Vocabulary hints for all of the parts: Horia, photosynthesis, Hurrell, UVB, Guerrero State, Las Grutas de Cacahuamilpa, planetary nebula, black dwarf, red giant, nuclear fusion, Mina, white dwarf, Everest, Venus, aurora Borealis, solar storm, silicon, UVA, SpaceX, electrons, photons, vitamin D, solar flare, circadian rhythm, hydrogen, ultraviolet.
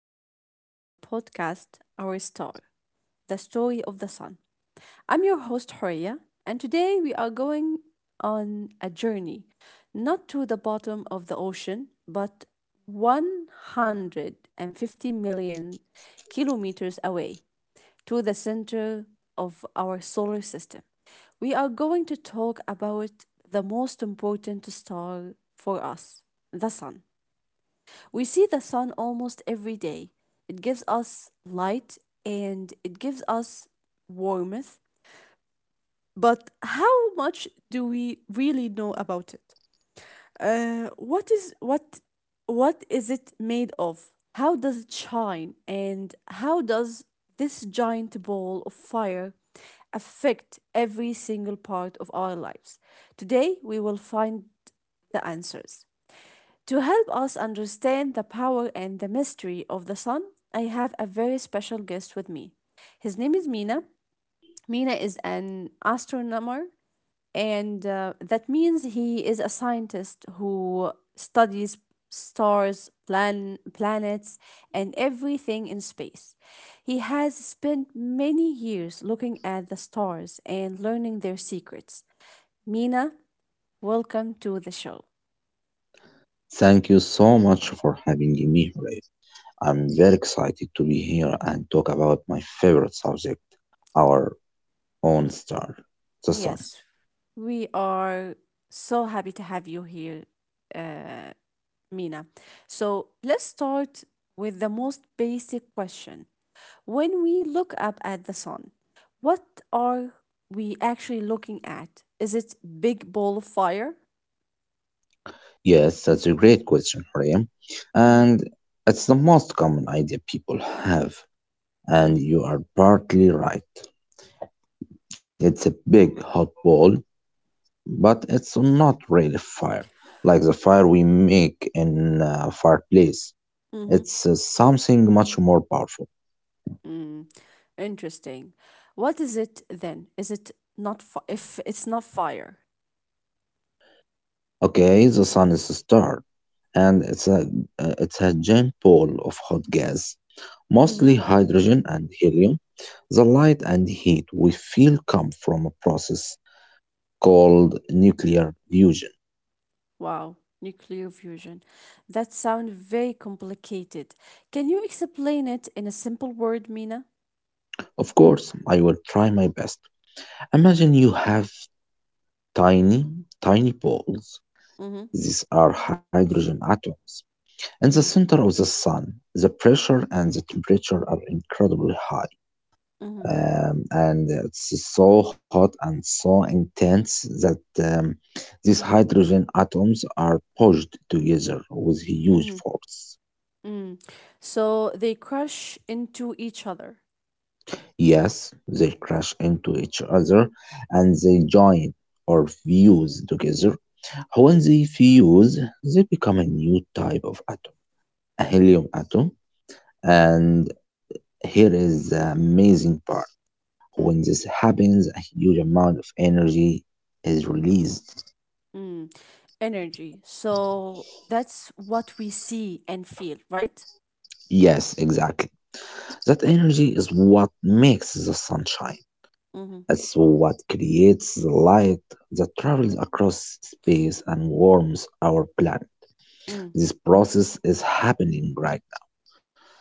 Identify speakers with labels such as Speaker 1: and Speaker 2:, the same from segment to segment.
Speaker 1: back to our podcast, Our Star, the story of the sun. I'm your host, Horia, and today we are going on a journey, not to the bottom of the ocean, but 150 million kilometers away to the center of our solar system. We are going to talk about the most important star for us, the sun. We see the sun almost every day. It gives us light and it gives us warmth. But how much do we really know about it? Uh, what is what what is it made of? How does it shine? And how does this giant ball of fire affect every single part of our lives? Today we will find the answers. To help us understand the power and the mystery of the sun, I have a very special guest with me. His name is Mina. Mina is an astronomer, and that means he is a scientist who studies stars, planets, and everything in space. He has spent many years looking at the stars and learning their secrets. Mina, welcome to the show.
Speaker 2: Thank you so much for having me, Hurrell. I'm very excited to be here and talk about my favorite subject, our own star, the sun.
Speaker 1: Yes, we are so happy to have you here, Mina. So let's start with the most basic question. When we look up at the sun, what are we actually looking at? Is it big ball of fire?
Speaker 2: Yes, that's a great question, Hurrell.
Speaker 1: Mm-hmm.
Speaker 2: And it's the most common idea people have,
Speaker 1: Mm-hmm.
Speaker 2: and you are partly right. It's a big hot ball, but it's not really fire, like the fire we make in a fireplace.
Speaker 1: Mm-hmm.
Speaker 2: It's something much more powerful.
Speaker 1: Mm. Interesting. What is it then? Is it not fi- if it's not fire?
Speaker 2: Okay, the sun is a star, and it's a giant ball of hot gas,
Speaker 1: Mm-hmm.
Speaker 2: mostly hydrogen and helium. The light and heat we feel come from a process called nuclear fusion.
Speaker 1: Wow, nuclear fusion. That sounds very complicated. Can you explain it in a simple word, Mina?
Speaker 2: Of course, I will try my best. Imagine you have tiny, tiny balls.
Speaker 1: Mm-hmm.
Speaker 2: These are hydrogen atoms. In the
Speaker 1: Mm-hmm.
Speaker 2: center of the sun, the pressure and the temperature are incredibly high.
Speaker 1: Mm-hmm.
Speaker 2: And it's so hot and so intense that um, these hydrogen atoms are pushed together with huge
Speaker 1: Mm-hmm.
Speaker 2: force.
Speaker 1: Mm. So they crush into each other.
Speaker 2: Yes, they crash into each other and they join or fuse together. When they fuse, they become a new type of atom, a helium atom. And here is the amazing part. When
Speaker 1: Mm,
Speaker 2: this happens, a huge amount of energy is released.
Speaker 1: mm. Energy. So that's what we see and feel, right?
Speaker 2: Yes, exactly. That energy is what makes the sun shine.
Speaker 1: Mm-hmm.
Speaker 2: It's what creates the light that travels across space and warms our planet.
Speaker 1: Mm-hmm.
Speaker 2: This process is happening right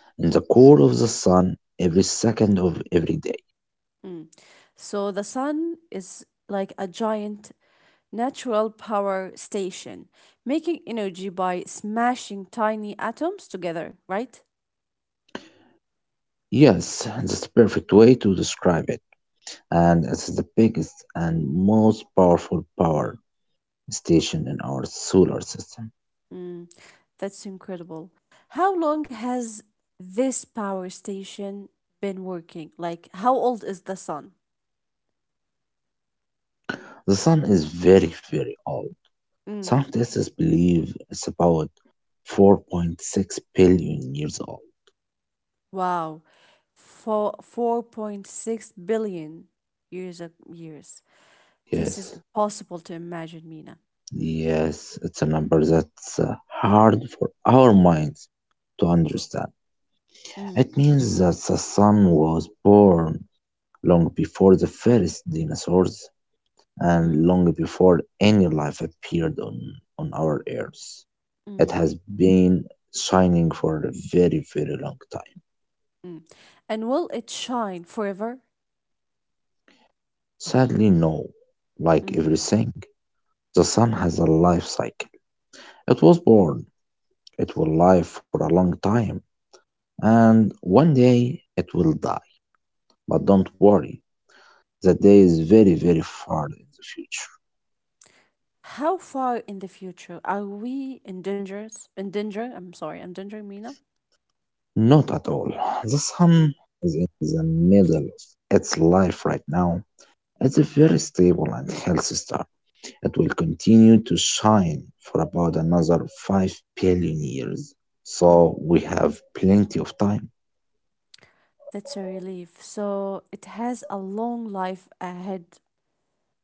Speaker 2: now, in the core of the sun every second of every day.
Speaker 1: So the sun is like a giant natural power station, making energy by smashing tiny atoms together, right?
Speaker 2: Yes, that's the perfect way to describe it. And it's the biggest and most powerful power station in our solar system.
Speaker 1: Mm, that's incredible. How long has this power station been working? Like, how old is the sun?
Speaker 2: The sun is very, very old.
Speaker 1: Mm,
Speaker 2: Some tests believe it's about 4.6 billion years old.
Speaker 1: wow. 4.6 billion years of years. This is
Speaker 2: Yes,
Speaker 1: impossible to imagine, Mina.
Speaker 2: yes, it's a number that's hard for our minds to understand.
Speaker 1: Mm,
Speaker 2: It means that the sun was born long before the first dinosaurs and
Speaker 1: mm,
Speaker 2: long before any life appeared on our Earth. It
Speaker 1: mm.
Speaker 2: has been shining for a very, very long time.
Speaker 1: Mm. And will it shine forever?
Speaker 2: Sadly, no, like
Speaker 1: Mm.
Speaker 2: everything. The sun has a life cycle. It was born, it will live for a long time, and one day it will die. But don't worry, the day is very, very far in the future.
Speaker 1: How far in the future are we in danger? In danger? I'm sorry, I'm endangering Mina.
Speaker 2: Not at all. The sun
Speaker 1: Mm.
Speaker 2: is in the middle of its life right now. It's a very stable and healthy star. It will continue to shine for about another 5 billion years. So
Speaker 1: Mm.
Speaker 2: we have plenty of time.
Speaker 1: That's a relief. So it has a long life ahead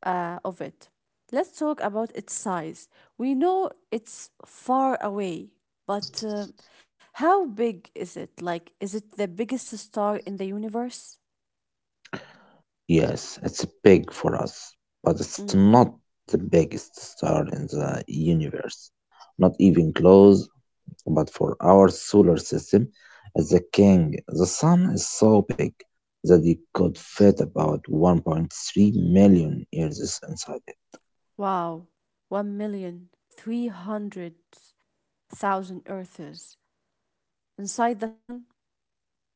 Speaker 1: of it. Let's talk about its size. We know it's far away, but how big is it? Like, is it the biggest star in the universe?
Speaker 2: Yes, it's big for us, but it's
Speaker 1: Mm.
Speaker 2: not the biggest star in the universe. Not even close, but for our solar system, as the king, the sun is so big that it could fit about 1.3 million years inside it.
Speaker 1: Wow, 1,300,000 earths inside the sun.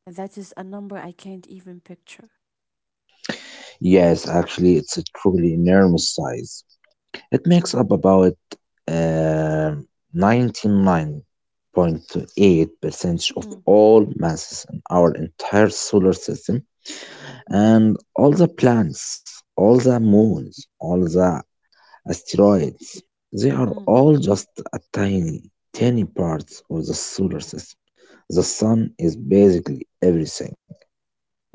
Speaker 1: That is a number I can't even picture.
Speaker 2: Yes, actually, it's a truly enormous size. It makes up about um, 99.8% of
Speaker 1: Mm,
Speaker 2: all masses in our entire solar system
Speaker 1: mm,
Speaker 2: and all the planets, all the moons, all the asteroids. They are
Speaker 1: mm,
Speaker 2: all just a tiny, tiny parts of the solar system. The sun is basically everything.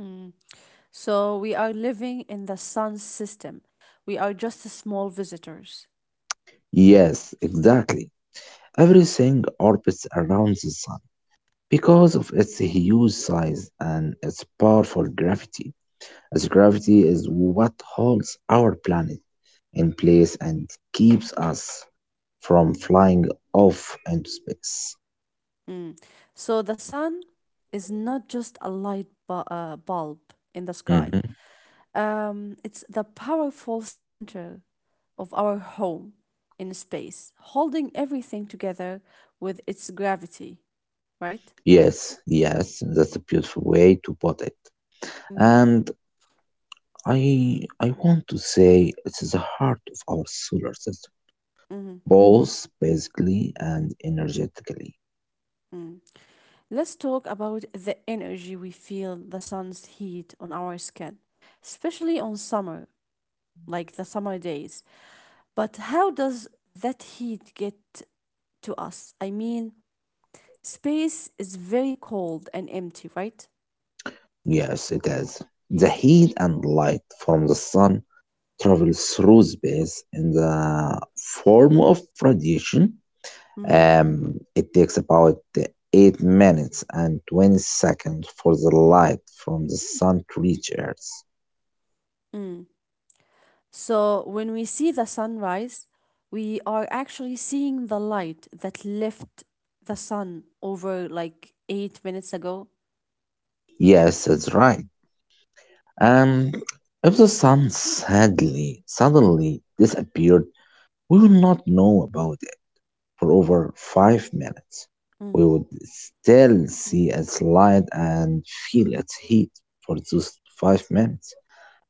Speaker 1: mm. So we are living in the sun system. We are just small visitors.
Speaker 2: Yes, exactly. Everything orbits around the sun, because of its huge size and its powerful gravity, as gravity is what holds our planet in place
Speaker 1: Mm,
Speaker 2: and keeps us from flying off into space.
Speaker 1: mm. So the sun is not just a light bulb in the sky.
Speaker 2: Mhm.
Speaker 1: It's the powerful center of our home in space, holding everything together with its gravity, right?
Speaker 2: Yes, yes, that's a beautiful way to put it.
Speaker 1: Mm-hmm.
Speaker 2: And I want to say it is the heart of our solar system,
Speaker 1: Mm-hmm.
Speaker 2: both basically and energetically.
Speaker 1: Mm. Let's talk about the energy. We feel the sun's heat on our skin, especially on summer, like the summer days. But how does that heat get to us? I mean, space is very cold and empty, right?
Speaker 2: Yes, it is. The heat and light from the sun travels through space in the form of radiation.
Speaker 1: Mm.
Speaker 2: It takes about 8 minutes and 20 seconds for the light from the sun to reach Earth.
Speaker 1: Mm. So when we see the sunrise, we are actually seeing the light that left the sun over like 8 minutes ago.
Speaker 2: Yes, that's right. Um, if the sun sadly, suddenly disappeared, we would not know about it for over 5 minutes. We
Speaker 1: Mm-hmm.
Speaker 2: would still see its light and feel its heat for those 5 minutes.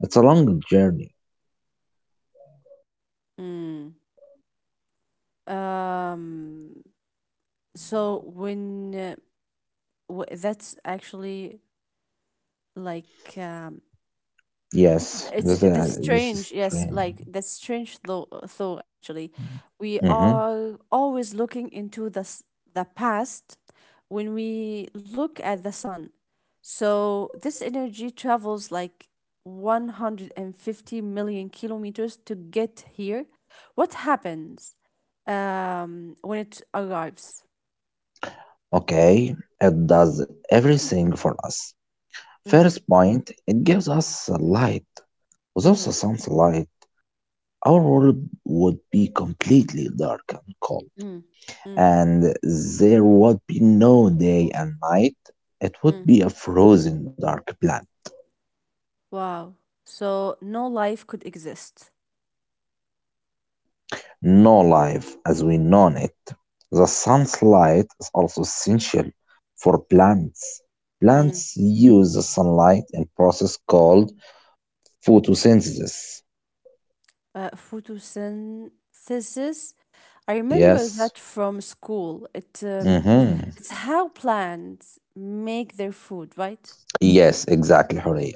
Speaker 2: It's a long journey.
Speaker 1: Mm. Um, So when uh, that's actually like
Speaker 2: Yes,
Speaker 1: it's that's
Speaker 2: this is
Speaker 1: strange. Yes,
Speaker 2: strange.
Speaker 1: like that's strange though. Though actually, we
Speaker 2: Hmm.
Speaker 1: are always looking into the past when we look at the sun. So this energy travels like 150 million kilometers to get here. What happens when it arrives?
Speaker 2: Okay, it does everything for us.
Speaker 1: Mm,
Speaker 2: First point, it gives us light. Without
Speaker 1: mm,
Speaker 2: the sun's light, our world would be completely dark and cold,
Speaker 1: mm, mm.
Speaker 2: and there would be no day and night. It would
Speaker 1: Mm.
Speaker 2: be a frozen dark planet.
Speaker 1: Wow. So no life could exist.
Speaker 2: No life as we know it. The sun's light is also essential for plants.
Speaker 1: Mm.
Speaker 2: Plants use the sunlight in process called photosynthesis.
Speaker 1: Photosynthesis. I remember
Speaker 2: Yes.
Speaker 1: that from school. It um,
Speaker 2: Hmm.
Speaker 1: it's how plants make their food, right?
Speaker 2: Yes, exactly, Horia.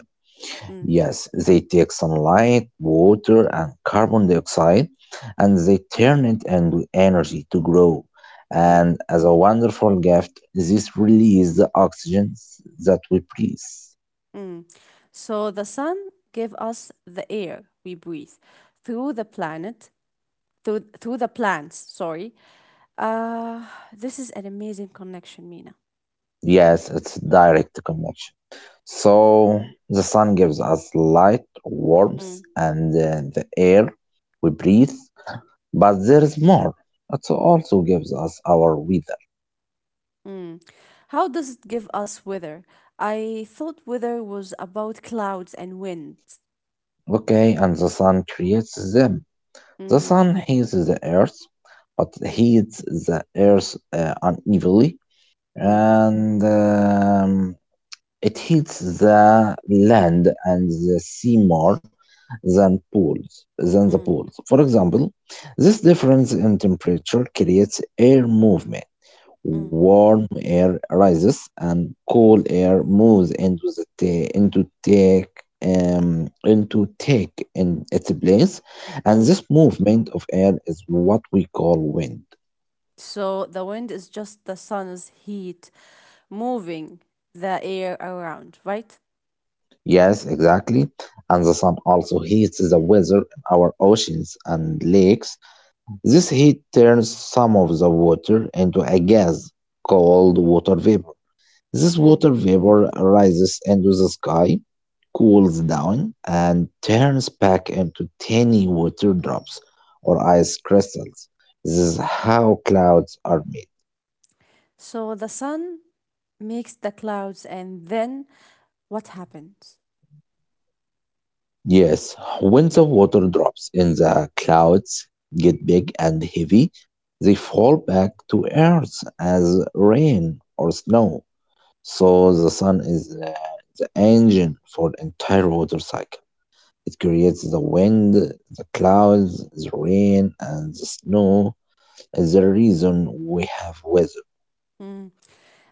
Speaker 1: Mm,
Speaker 2: Yes, they take sunlight, water, and carbon dioxide, and they turn it into energy to grow.
Speaker 1: mm,
Speaker 2: And as a wonderful gift, this releases the oxygen that we breathe.
Speaker 1: mm. So the sun gave us the air we breathe through the planet through the plants. Sorry. Uh, this is an amazing connection, Mina.
Speaker 2: Yes, it's direct connection. So the sun gives us light, warmth, and the air we breathe. But there is more. It also gives us our weather.
Speaker 1: Mm. How does it give us weather? I thought weather was about clouds and wind.
Speaker 2: Okay, and the sun creates them. The
Speaker 1: Mm,
Speaker 2: sun heats the earth, but heats the earth unevenly,
Speaker 1: mm,
Speaker 2: and it heats the land and the sea more than the
Speaker 1: mm,
Speaker 2: pools. For example, this difference in temperature creates air movement.
Speaker 1: mm,
Speaker 2: Warm air rises and cool air moves into take in its place, and
Speaker 1: mm.
Speaker 2: this movement of air is what we call wind.
Speaker 1: So the wind is just the sun's heat moving the air around, right?
Speaker 2: Yes, exactly. And the sun also heats the weather in our oceans and lakes. This heat turns some of the water into a gas called water vapor. This
Speaker 1: Mm.
Speaker 2: water vapor rises into the sky, cools down, and turns back into tiny water drops or ice crystals. This is how clouds are made.
Speaker 1: So the sun makes the clouds, and then what happens?
Speaker 2: Yes, when the water drops in the clouds get big and heavy, they fall back to earth as rain or snow. So the sun is the engine for the entire water cycle. It creates the wind, the clouds, the rain, and the snow. Is the reason we have weather.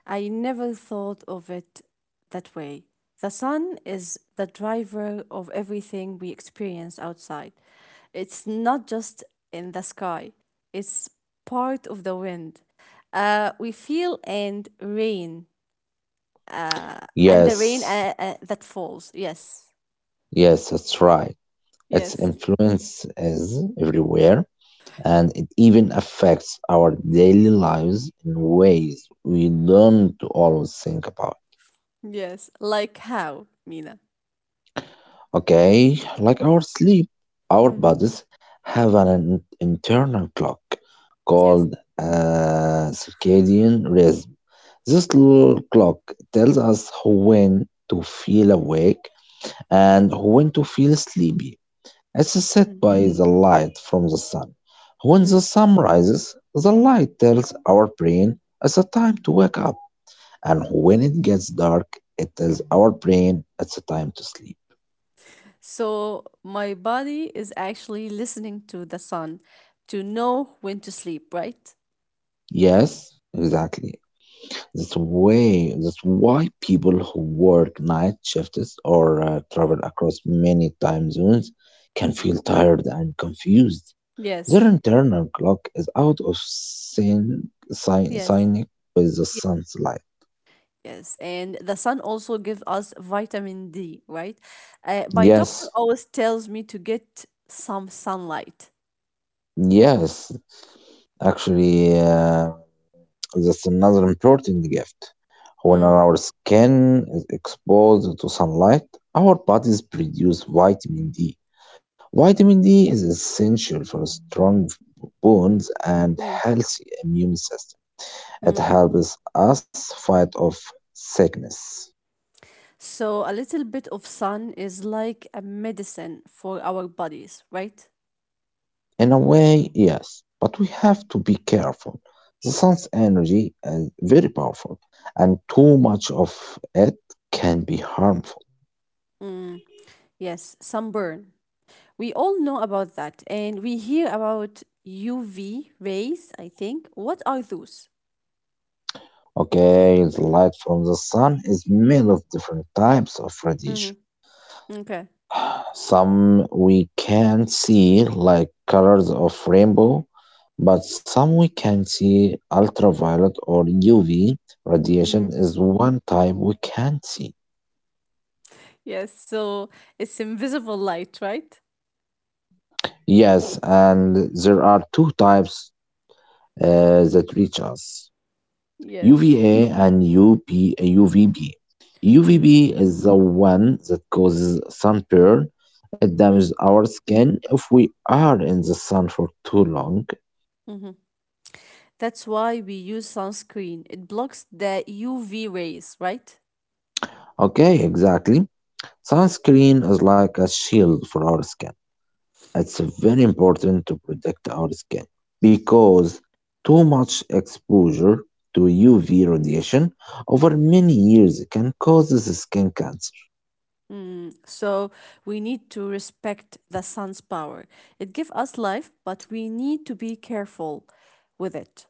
Speaker 1: I never thought of it that way. The sun is the driver of everything we experience outside. It's not just in the sky, it's part of the wind. We feel and rain, uh, and the rain
Speaker 2: Yes,
Speaker 1: that falls. Yes,
Speaker 2: yes, that's right. Its
Speaker 1: yes,
Speaker 2: influence is everywhere, and it even affects our daily lives in ways we don't always think about.
Speaker 1: yes. Like how, Mina?
Speaker 2: Okay, like our sleep, our
Speaker 1: Mm-hmm.
Speaker 2: bodies have internal clock
Speaker 1: Yes.
Speaker 2: called circadian rhythm. This little clock tells us when to feel awake and when to feel sleepy. It's
Speaker 1: Mm.
Speaker 2: set by the light from the sun. When
Speaker 1: Mm.
Speaker 2: the sun rises, the light tells our brain it's a time to wake up, and when it gets dark, it tells our brain it's a time to sleep.
Speaker 1: So my body is actually listening to the sun to know when to sleep, right?
Speaker 2: Yes, exactly. That's way. That's why people who work night shifts or travel across many time zones can feel tired and confused.
Speaker 1: Yes,
Speaker 2: Their internal clock is out of
Speaker 1: yes.
Speaker 2: sync with the
Speaker 1: ye-
Speaker 2: sun's light.
Speaker 1: Yes, and the sun also gives us vitamin D, right? My doctor
Speaker 2: Yes,
Speaker 1: always tells me to get some sunlight.
Speaker 2: yes. Actually, that's another important gift. When
Speaker 1: Mm,
Speaker 2: our skin is exposed to sunlight, our bodies produce vitamin D. Vitamin D is essential for strong bones and
Speaker 1: mm,
Speaker 2: healthy immune system.
Speaker 1: mm.
Speaker 2: It helps us fight off sickness.
Speaker 1: So a little bit of sun is like a medicine for our bodies, right?
Speaker 2: In a way, yes, but we have to be careful. The sun's energy is very powerful, and too much of it can be harmful.
Speaker 1: Mm, yes, sunburn. We all know about that, and we hear about UV rays, I think. What are those?
Speaker 2: Okay, the light from the sun is made of different types of radiation.
Speaker 1: Mm-hmm. Okay.
Speaker 2: Some we can see, like colors of rainbow, but some we can see ultraviolet or UV. Radiation
Speaker 1: Mm-hmm.
Speaker 2: is one type we can't see.
Speaker 1: Yes, so it's invisible light, right?
Speaker 2: Yes, and there are two types that reach us.
Speaker 1: Yes.
Speaker 2: UVB.
Speaker 1: Mm.
Speaker 2: UVB is the one that causes sunburn. It
Speaker 1: Mm.
Speaker 2: damages our skin if we are in the sun for too long.
Speaker 1: hmm That's why we use sunscreen. It blocks the UV rays, right?
Speaker 2: Okay, exactly. Sunscreen is like a shield for our skin. It's very important to protect our skin because too much exposure to UV radiation over many years can cause skin cancer.
Speaker 1: Mm. So we need to respect the sun's power. It gives us life, but we need to be careful with it.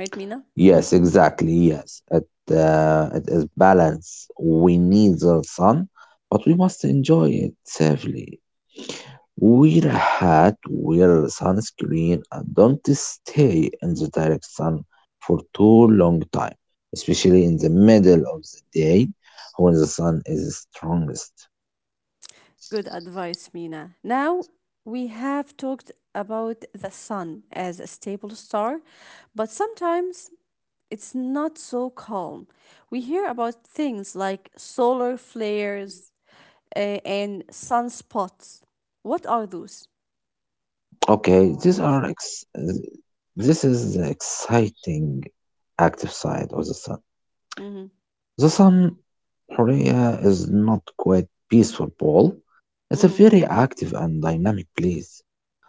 Speaker 1: Right, Mina?
Speaker 2: Yes, exactly. Yes, it is balance. We need the sun, but we must enjoy it safely. Wear a hat, wear sunscreen, and don't stay in the direct sun for too long time, especially in the middle of the day when the sun is strongest.
Speaker 1: Good advice, Mina. Now we have talked about the sun as a stable star, but sometimes it's not so calm. We hear about things like solar flares and sunspots. What are those?
Speaker 2: Okay, this is the exciting active side of the sun.
Speaker 1: Mm-hmm,
Speaker 2: The sun Korea is not quite peaceful, Paul. It's a
Speaker 1: mm-hmm,
Speaker 2: very active and dynamic place.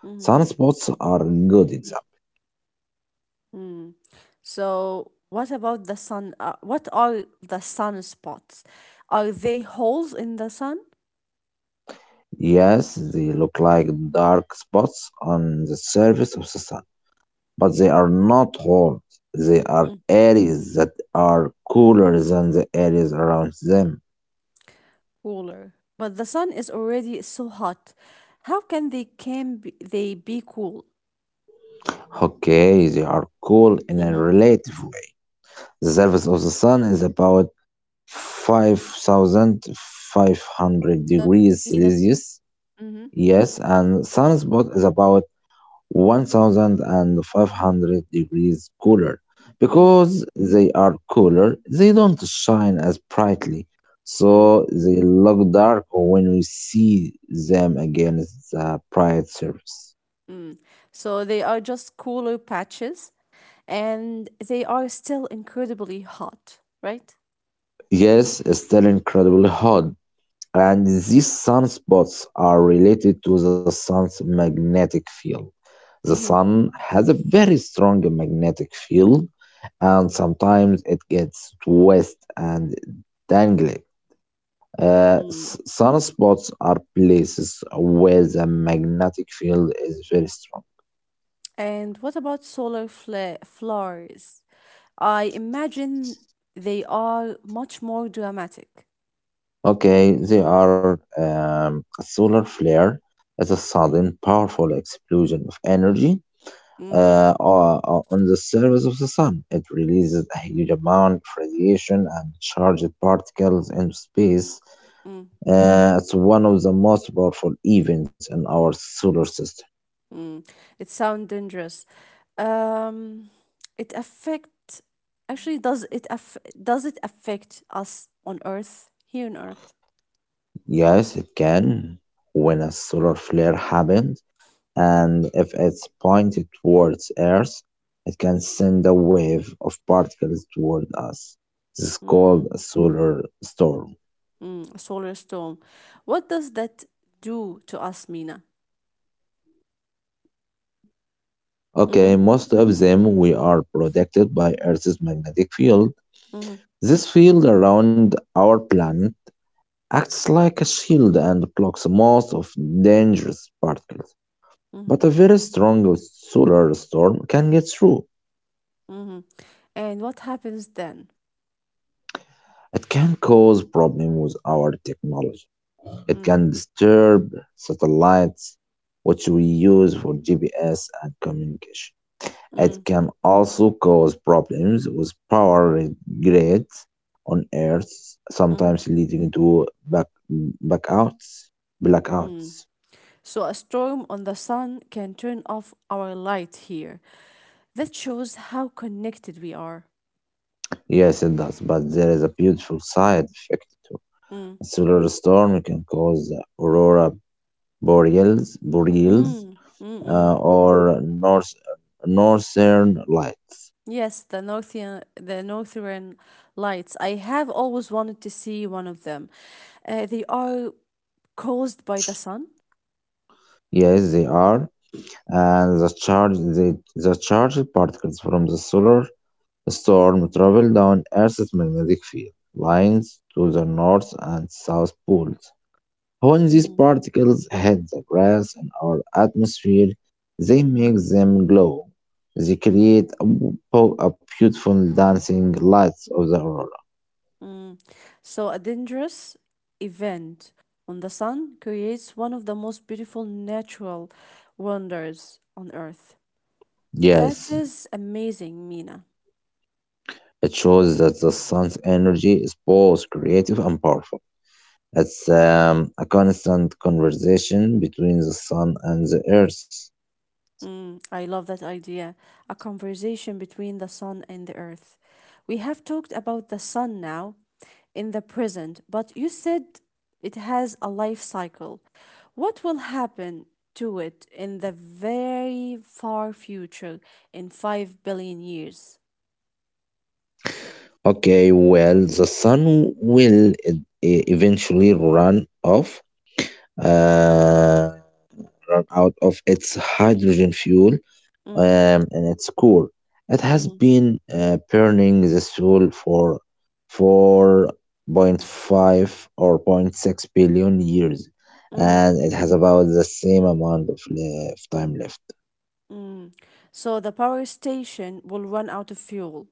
Speaker 1: mm-hmm,
Speaker 2: Sunspots are a good example.
Speaker 1: mm. So, what about the sun? What are the sunspots? Are they holes in the sun?
Speaker 2: Yes, they look like dark spots on the surface of the sun, but they are not holes. They are areas that are cooler than the areas around them.
Speaker 1: Cooler. But the sun is already so hot. How can they can be, they be cool?
Speaker 2: Okay, they are cool in a
Speaker 1: Mm-hmm.
Speaker 2: relative way.
Speaker 1: Yes, Mina.
Speaker 2: The surface of the sun is about
Speaker 1: So
Speaker 2: 5,500
Speaker 1: yes, Mina.
Speaker 2: degrees Celsius.
Speaker 1: Mm-hmm.
Speaker 2: Yes, and sunspot is about 1,500 degrees cooler.
Speaker 1: Mm-hmm.
Speaker 2: Because they are cooler, they don't shine as brightly,
Speaker 1: Mm,
Speaker 2: so they look dark when we see them against the bright surface.
Speaker 1: mm. So they are just cooler patches, and they are still incredibly hot, right?
Speaker 2: Yes, it's still incredibly hot. And these sunspots are related to the sun's magnetic field. The
Speaker 1: Mm-hmm.
Speaker 2: sun has a very strong magnetic field, and sometimes it gets twisted and dangling.
Speaker 1: Mm.
Speaker 2: Sunspots are places where the magnetic field is very strong.
Speaker 1: And what about solar flares? I imagine they are much more dramatic.
Speaker 2: Okay, they are a solar flare is a
Speaker 1: Mm,
Speaker 2: sudden, powerful explosion of energy
Speaker 1: mm,
Speaker 2: on the surface of the sun. It releases a huge amount of radiation and charged particles into space.
Speaker 1: mm.
Speaker 2: It's one of the most powerful events in our solar system.
Speaker 1: Mm, it sounds dangerous. Um, it affect actually does it aff does it affect us on Earth, here on Earth?
Speaker 2: Yes, it can. When a solar flare happens, and if it's pointed towards Earth, it can send a wave of particles toward us. This is called
Speaker 1: Mm,
Speaker 2: a solar storm.
Speaker 1: mm, a solar storm. What does that do to us, Mina? Mm-hmm,
Speaker 2: Okay, most of them we are protected by Earth's magnetic field.
Speaker 1: mm-hmm,
Speaker 2: This field around our planet acts like a shield and blocks most of dangerous particles.
Speaker 1: mm-hmm,
Speaker 2: But a very strong solar storm can get through.
Speaker 1: mm-hmm. And what happens then?
Speaker 2: It can cause problems with our technology. It
Speaker 1: Mm,
Speaker 2: can disturb satellites, which we use for GPS and communication. It
Speaker 1: mm,
Speaker 2: can also cause problems with power grids on Earth,
Speaker 1: mm,
Speaker 2: sometimes leading to backouts,
Speaker 1: mm.
Speaker 2: blackouts.
Speaker 1: So a storm on the sun can turn off our light here. That shows how connected we are.
Speaker 2: Yes, it does, but there is a beautiful side effect too.
Speaker 1: Mm.
Speaker 2: A solar storm can cause the aurora Boreals,
Speaker 1: Mm, mm, mm.
Speaker 2: or Northern Lights.
Speaker 1: Yes, the northern lights. I have always wanted to see one of them. They are caused by the sun.
Speaker 2: Yes, they are. And the charged particles from the solar storm travel down Earth's magnetic field lines to the north and south poles. When these
Speaker 1: Mm.
Speaker 2: particles hit the grass in our atmosphere, they make them glow. They create a beautiful dancing lights of the aurora.
Speaker 1: Mm. So a dangerous event on the sun creates one of the most beautiful natural wonders on earth. That
Speaker 2: Yes,
Speaker 1: is amazing, Mina.
Speaker 2: it shows that the sun's energy is both creative and powerful. It's a constant conversation between the sun and the earth.
Speaker 1: Mm, I love that idea. A conversation between the sun and the earth. We have talked about the sun now in the present, but you said it has a life cycle. What will happen to it in the very far future in 5 billion years?
Speaker 2: Okay, well, the sun will eventually uh, run out of its hydrogen fuel
Speaker 1: Mm,
Speaker 2: in its core. It has
Speaker 1: mm,
Speaker 2: been burning the fuel for 4.5 or zero point 0.6 billion years,
Speaker 1: mm,
Speaker 2: and it has about the same amount of time left.
Speaker 1: mm. So the power station will run out of fuel.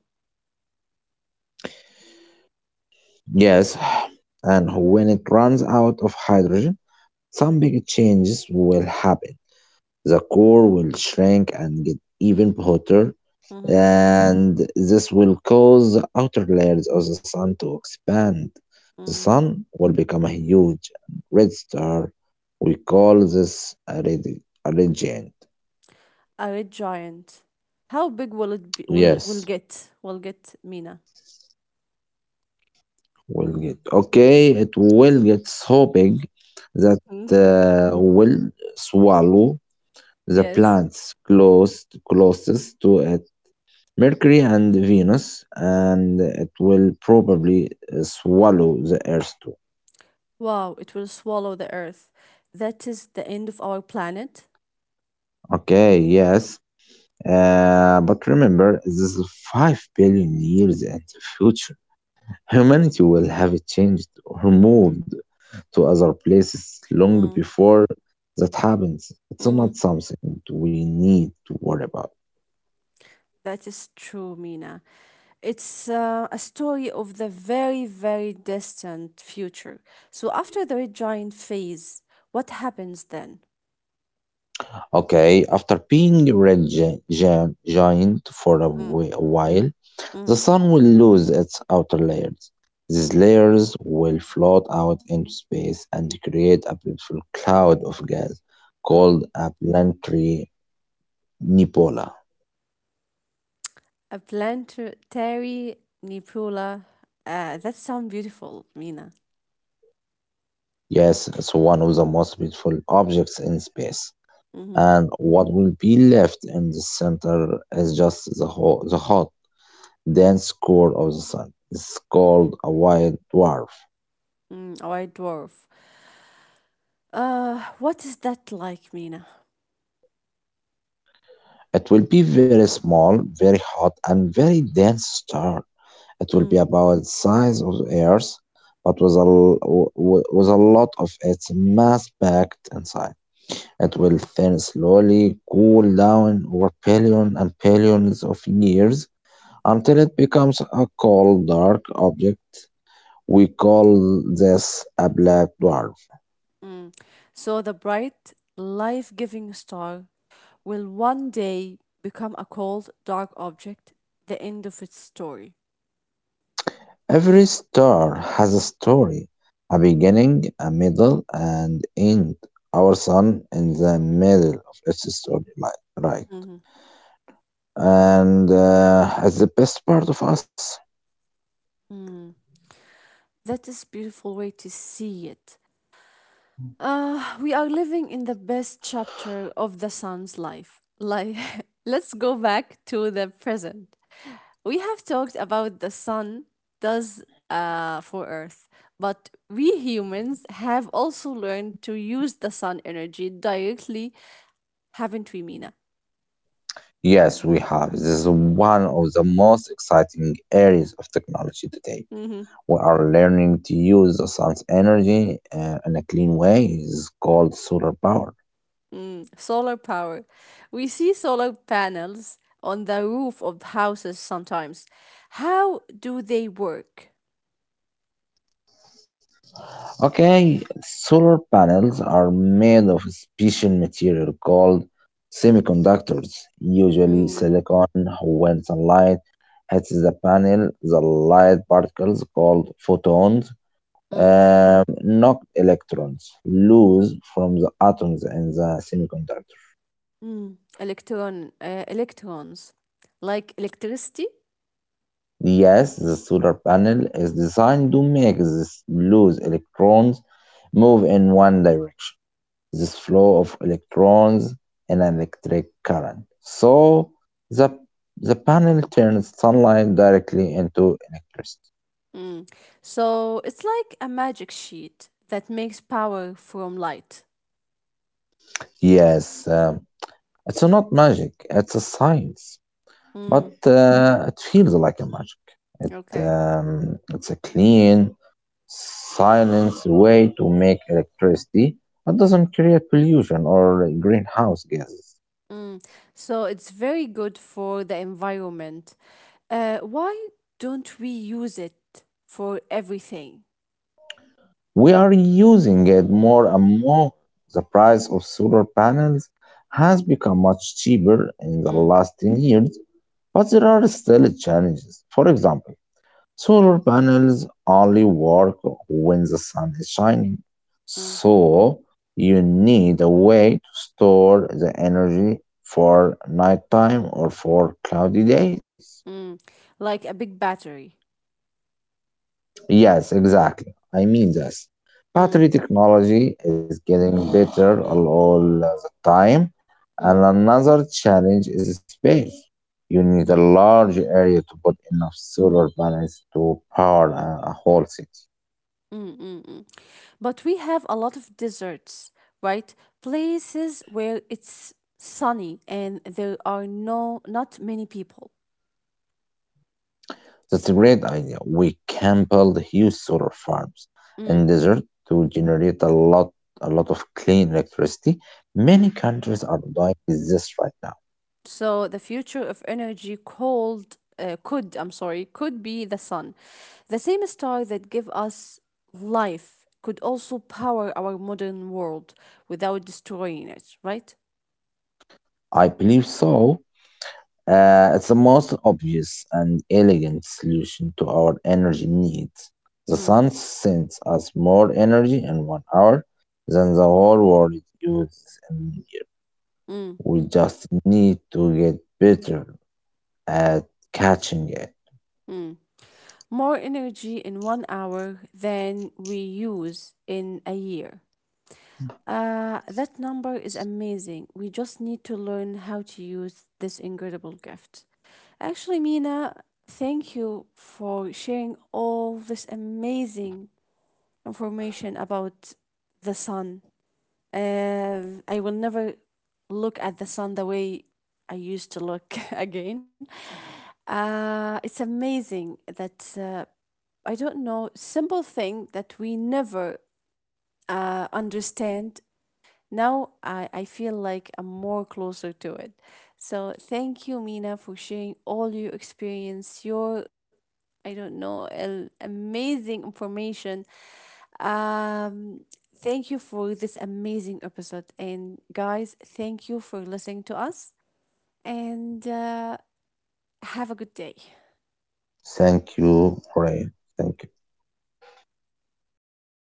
Speaker 2: Yes, and when it runs out of hydrogen, some big changes will happen. The core will shrink and get even hotter,
Speaker 1: Mm-hmm,
Speaker 2: and this will cause the outer layers of the sun to expand. The
Speaker 1: mm.
Speaker 2: sun will become a huge red star. We call this a red giant.
Speaker 1: A red giant. How big will it be, will it
Speaker 2: Yes,
Speaker 1: will get Mina?
Speaker 2: will get okay. It will get so big that
Speaker 1: Mm,
Speaker 2: will swallow the
Speaker 1: Yes.
Speaker 2: plants closed closest to it, Mercury and Venus, and it will probably swallow the Earth too.
Speaker 1: Wow, it will swallow the earth. That is the end of our planet.
Speaker 2: Okay, yes. But remember, this is 5 billion years in the future. Humanity will have changed or moved to other places long
Speaker 1: Mm,
Speaker 2: before that happens. It's not
Speaker 1: mm.
Speaker 2: something we need to worry about.
Speaker 1: That is true, Mina. It's a story of the very, very distant future. So, after the red giant phase, what happens then?
Speaker 2: Okay, after being giant for a
Speaker 1: Mm,
Speaker 2: whi- a while, the
Speaker 1: mm,
Speaker 2: sun will lose its outer layers. These
Speaker 1: mm,
Speaker 2: layers will float out into space and create a beautiful cloud of gas
Speaker 1: mm.
Speaker 2: called a planetary nebula.
Speaker 1: A planetary nebula. That sounds beautiful, Mina.
Speaker 2: Yes, it's one of the most beautiful objects in space.
Speaker 1: Mhm.
Speaker 2: And what will be left in the center is just the hot, dense core of the sun. It's called a white dwarf.
Speaker 1: Mm, white dwarf. What is that like, Mina?
Speaker 2: It will be very small, very hot, and very dense star. It will be
Speaker 1: Mm,
Speaker 2: about the size of the Earth, but with a, l- w- w- with a lot of its mass packed inside. It will
Speaker 1: mm.
Speaker 2: thin slowly, cool down over billion and billions of years until it becomes a cold, dark object. We call this a black dwarf.
Speaker 1: So the bright, life-giving star will one day become a cold, dark object, the end of its story.
Speaker 2: Every star has a story, a beginning, a middle, and end. Our sun in the middle of its story, like right,
Speaker 1: Mhm.
Speaker 2: and it's the best part of us.
Speaker 1: Mm. That is beautiful way to see it. We are living in the best chapter of the son's life. Like, let's go back to the present. We have talked about the sun does for Earth, but we humans have also learned to use the sun energy directly, haven't we, Mina?
Speaker 2: Yes, we have. This is one of the most exciting areas of technology today.
Speaker 1: Mm-hmm.
Speaker 2: We are learning to use the sun's energy in a clean way. It's called solar power.
Speaker 1: Mm. Solar power. We see solar panels on the roof of houses sometimes. How do they work?
Speaker 2: Okay, solar panels are made of a special material called semiconductors, usually
Speaker 1: Mm.
Speaker 2: silicon. When sunlight hits the panel, the light particles called photons
Speaker 1: Mm.
Speaker 2: knock electrons loose from the atoms in the semiconductor.
Speaker 1: Mm. Electrons, like electricity.
Speaker 2: Yes, the solar panel is designed to make these loose electrons move in one direction. This flow of electrons in an electric current. So the, the panel turns sunlight directly into electricity.
Speaker 1: Mm. So it's like a magic sheet that makes power from light.
Speaker 2: Yes, it's not magic, it's a science, but
Speaker 1: Mm.
Speaker 2: it feels like a magic. It,
Speaker 1: Okay.
Speaker 2: um, it's a clean, silent way to make electricity. It doesn't create pollution or greenhouse gases.
Speaker 1: Mm. So it's very good for the environment. Why don't we use it for everything?
Speaker 2: We are using it more and more. The price of solar panels has become much cheaper in the
Speaker 1: Mm.
Speaker 2: last 10 years, but there are still challenges. For example, solar panels only work when the sun is shining,
Speaker 1: Mm.
Speaker 2: so you need a way to store the energy for nighttime or for cloudy days.
Speaker 1: Mm. Like a big battery.
Speaker 2: Yes, exactly. I mean this. Battery
Speaker 1: Mm.
Speaker 2: technology is getting better all the time, and
Speaker 1: Mm.
Speaker 2: another challenge is space. You need a
Speaker 1: Mm.
Speaker 2: large area to put enough solar panels to power a whole city.
Speaker 1: Mm, mm, mm. But we have a lot of deserts, right? Places where it's sunny and there are not many people.
Speaker 2: That's a great idea. We can build huge solar farms
Speaker 1: Mm,
Speaker 2: in desert to generate a lot of clean electricity.
Speaker 1: mm.
Speaker 2: Many countries are doing this right now.
Speaker 1: So the future of energy called could I'm sorry, could be the sun, the same star that give us life could also power our modern world without destroying it, right?
Speaker 2: I believe so. It's the most obvious and elegant solution to our energy needs. The
Speaker 1: Mm,
Speaker 2: sun sends us more energy in 1 hour than the whole world uses in a year.
Speaker 1: mm.
Speaker 2: We just need to get better at catching it.
Speaker 1: Mm. More energy in 1 hour than we use in a year. That number is amazing. We just need to learn how to use this incredible gift. Actually, Mina, thank you for sharing all this amazing information about the sun. I will never look at the sun the way I used to look again. It's amazing that I don't know, simple thing that we never understand. Now I feel like I'm more closer to it. So thank you, Mina, for sharing all your experience, your, I don't know, amazing information. Um, thank you for this amazing episode. And guys, thank you for listening to us. And have a good day.
Speaker 2: Thank you, Ray. Thank you.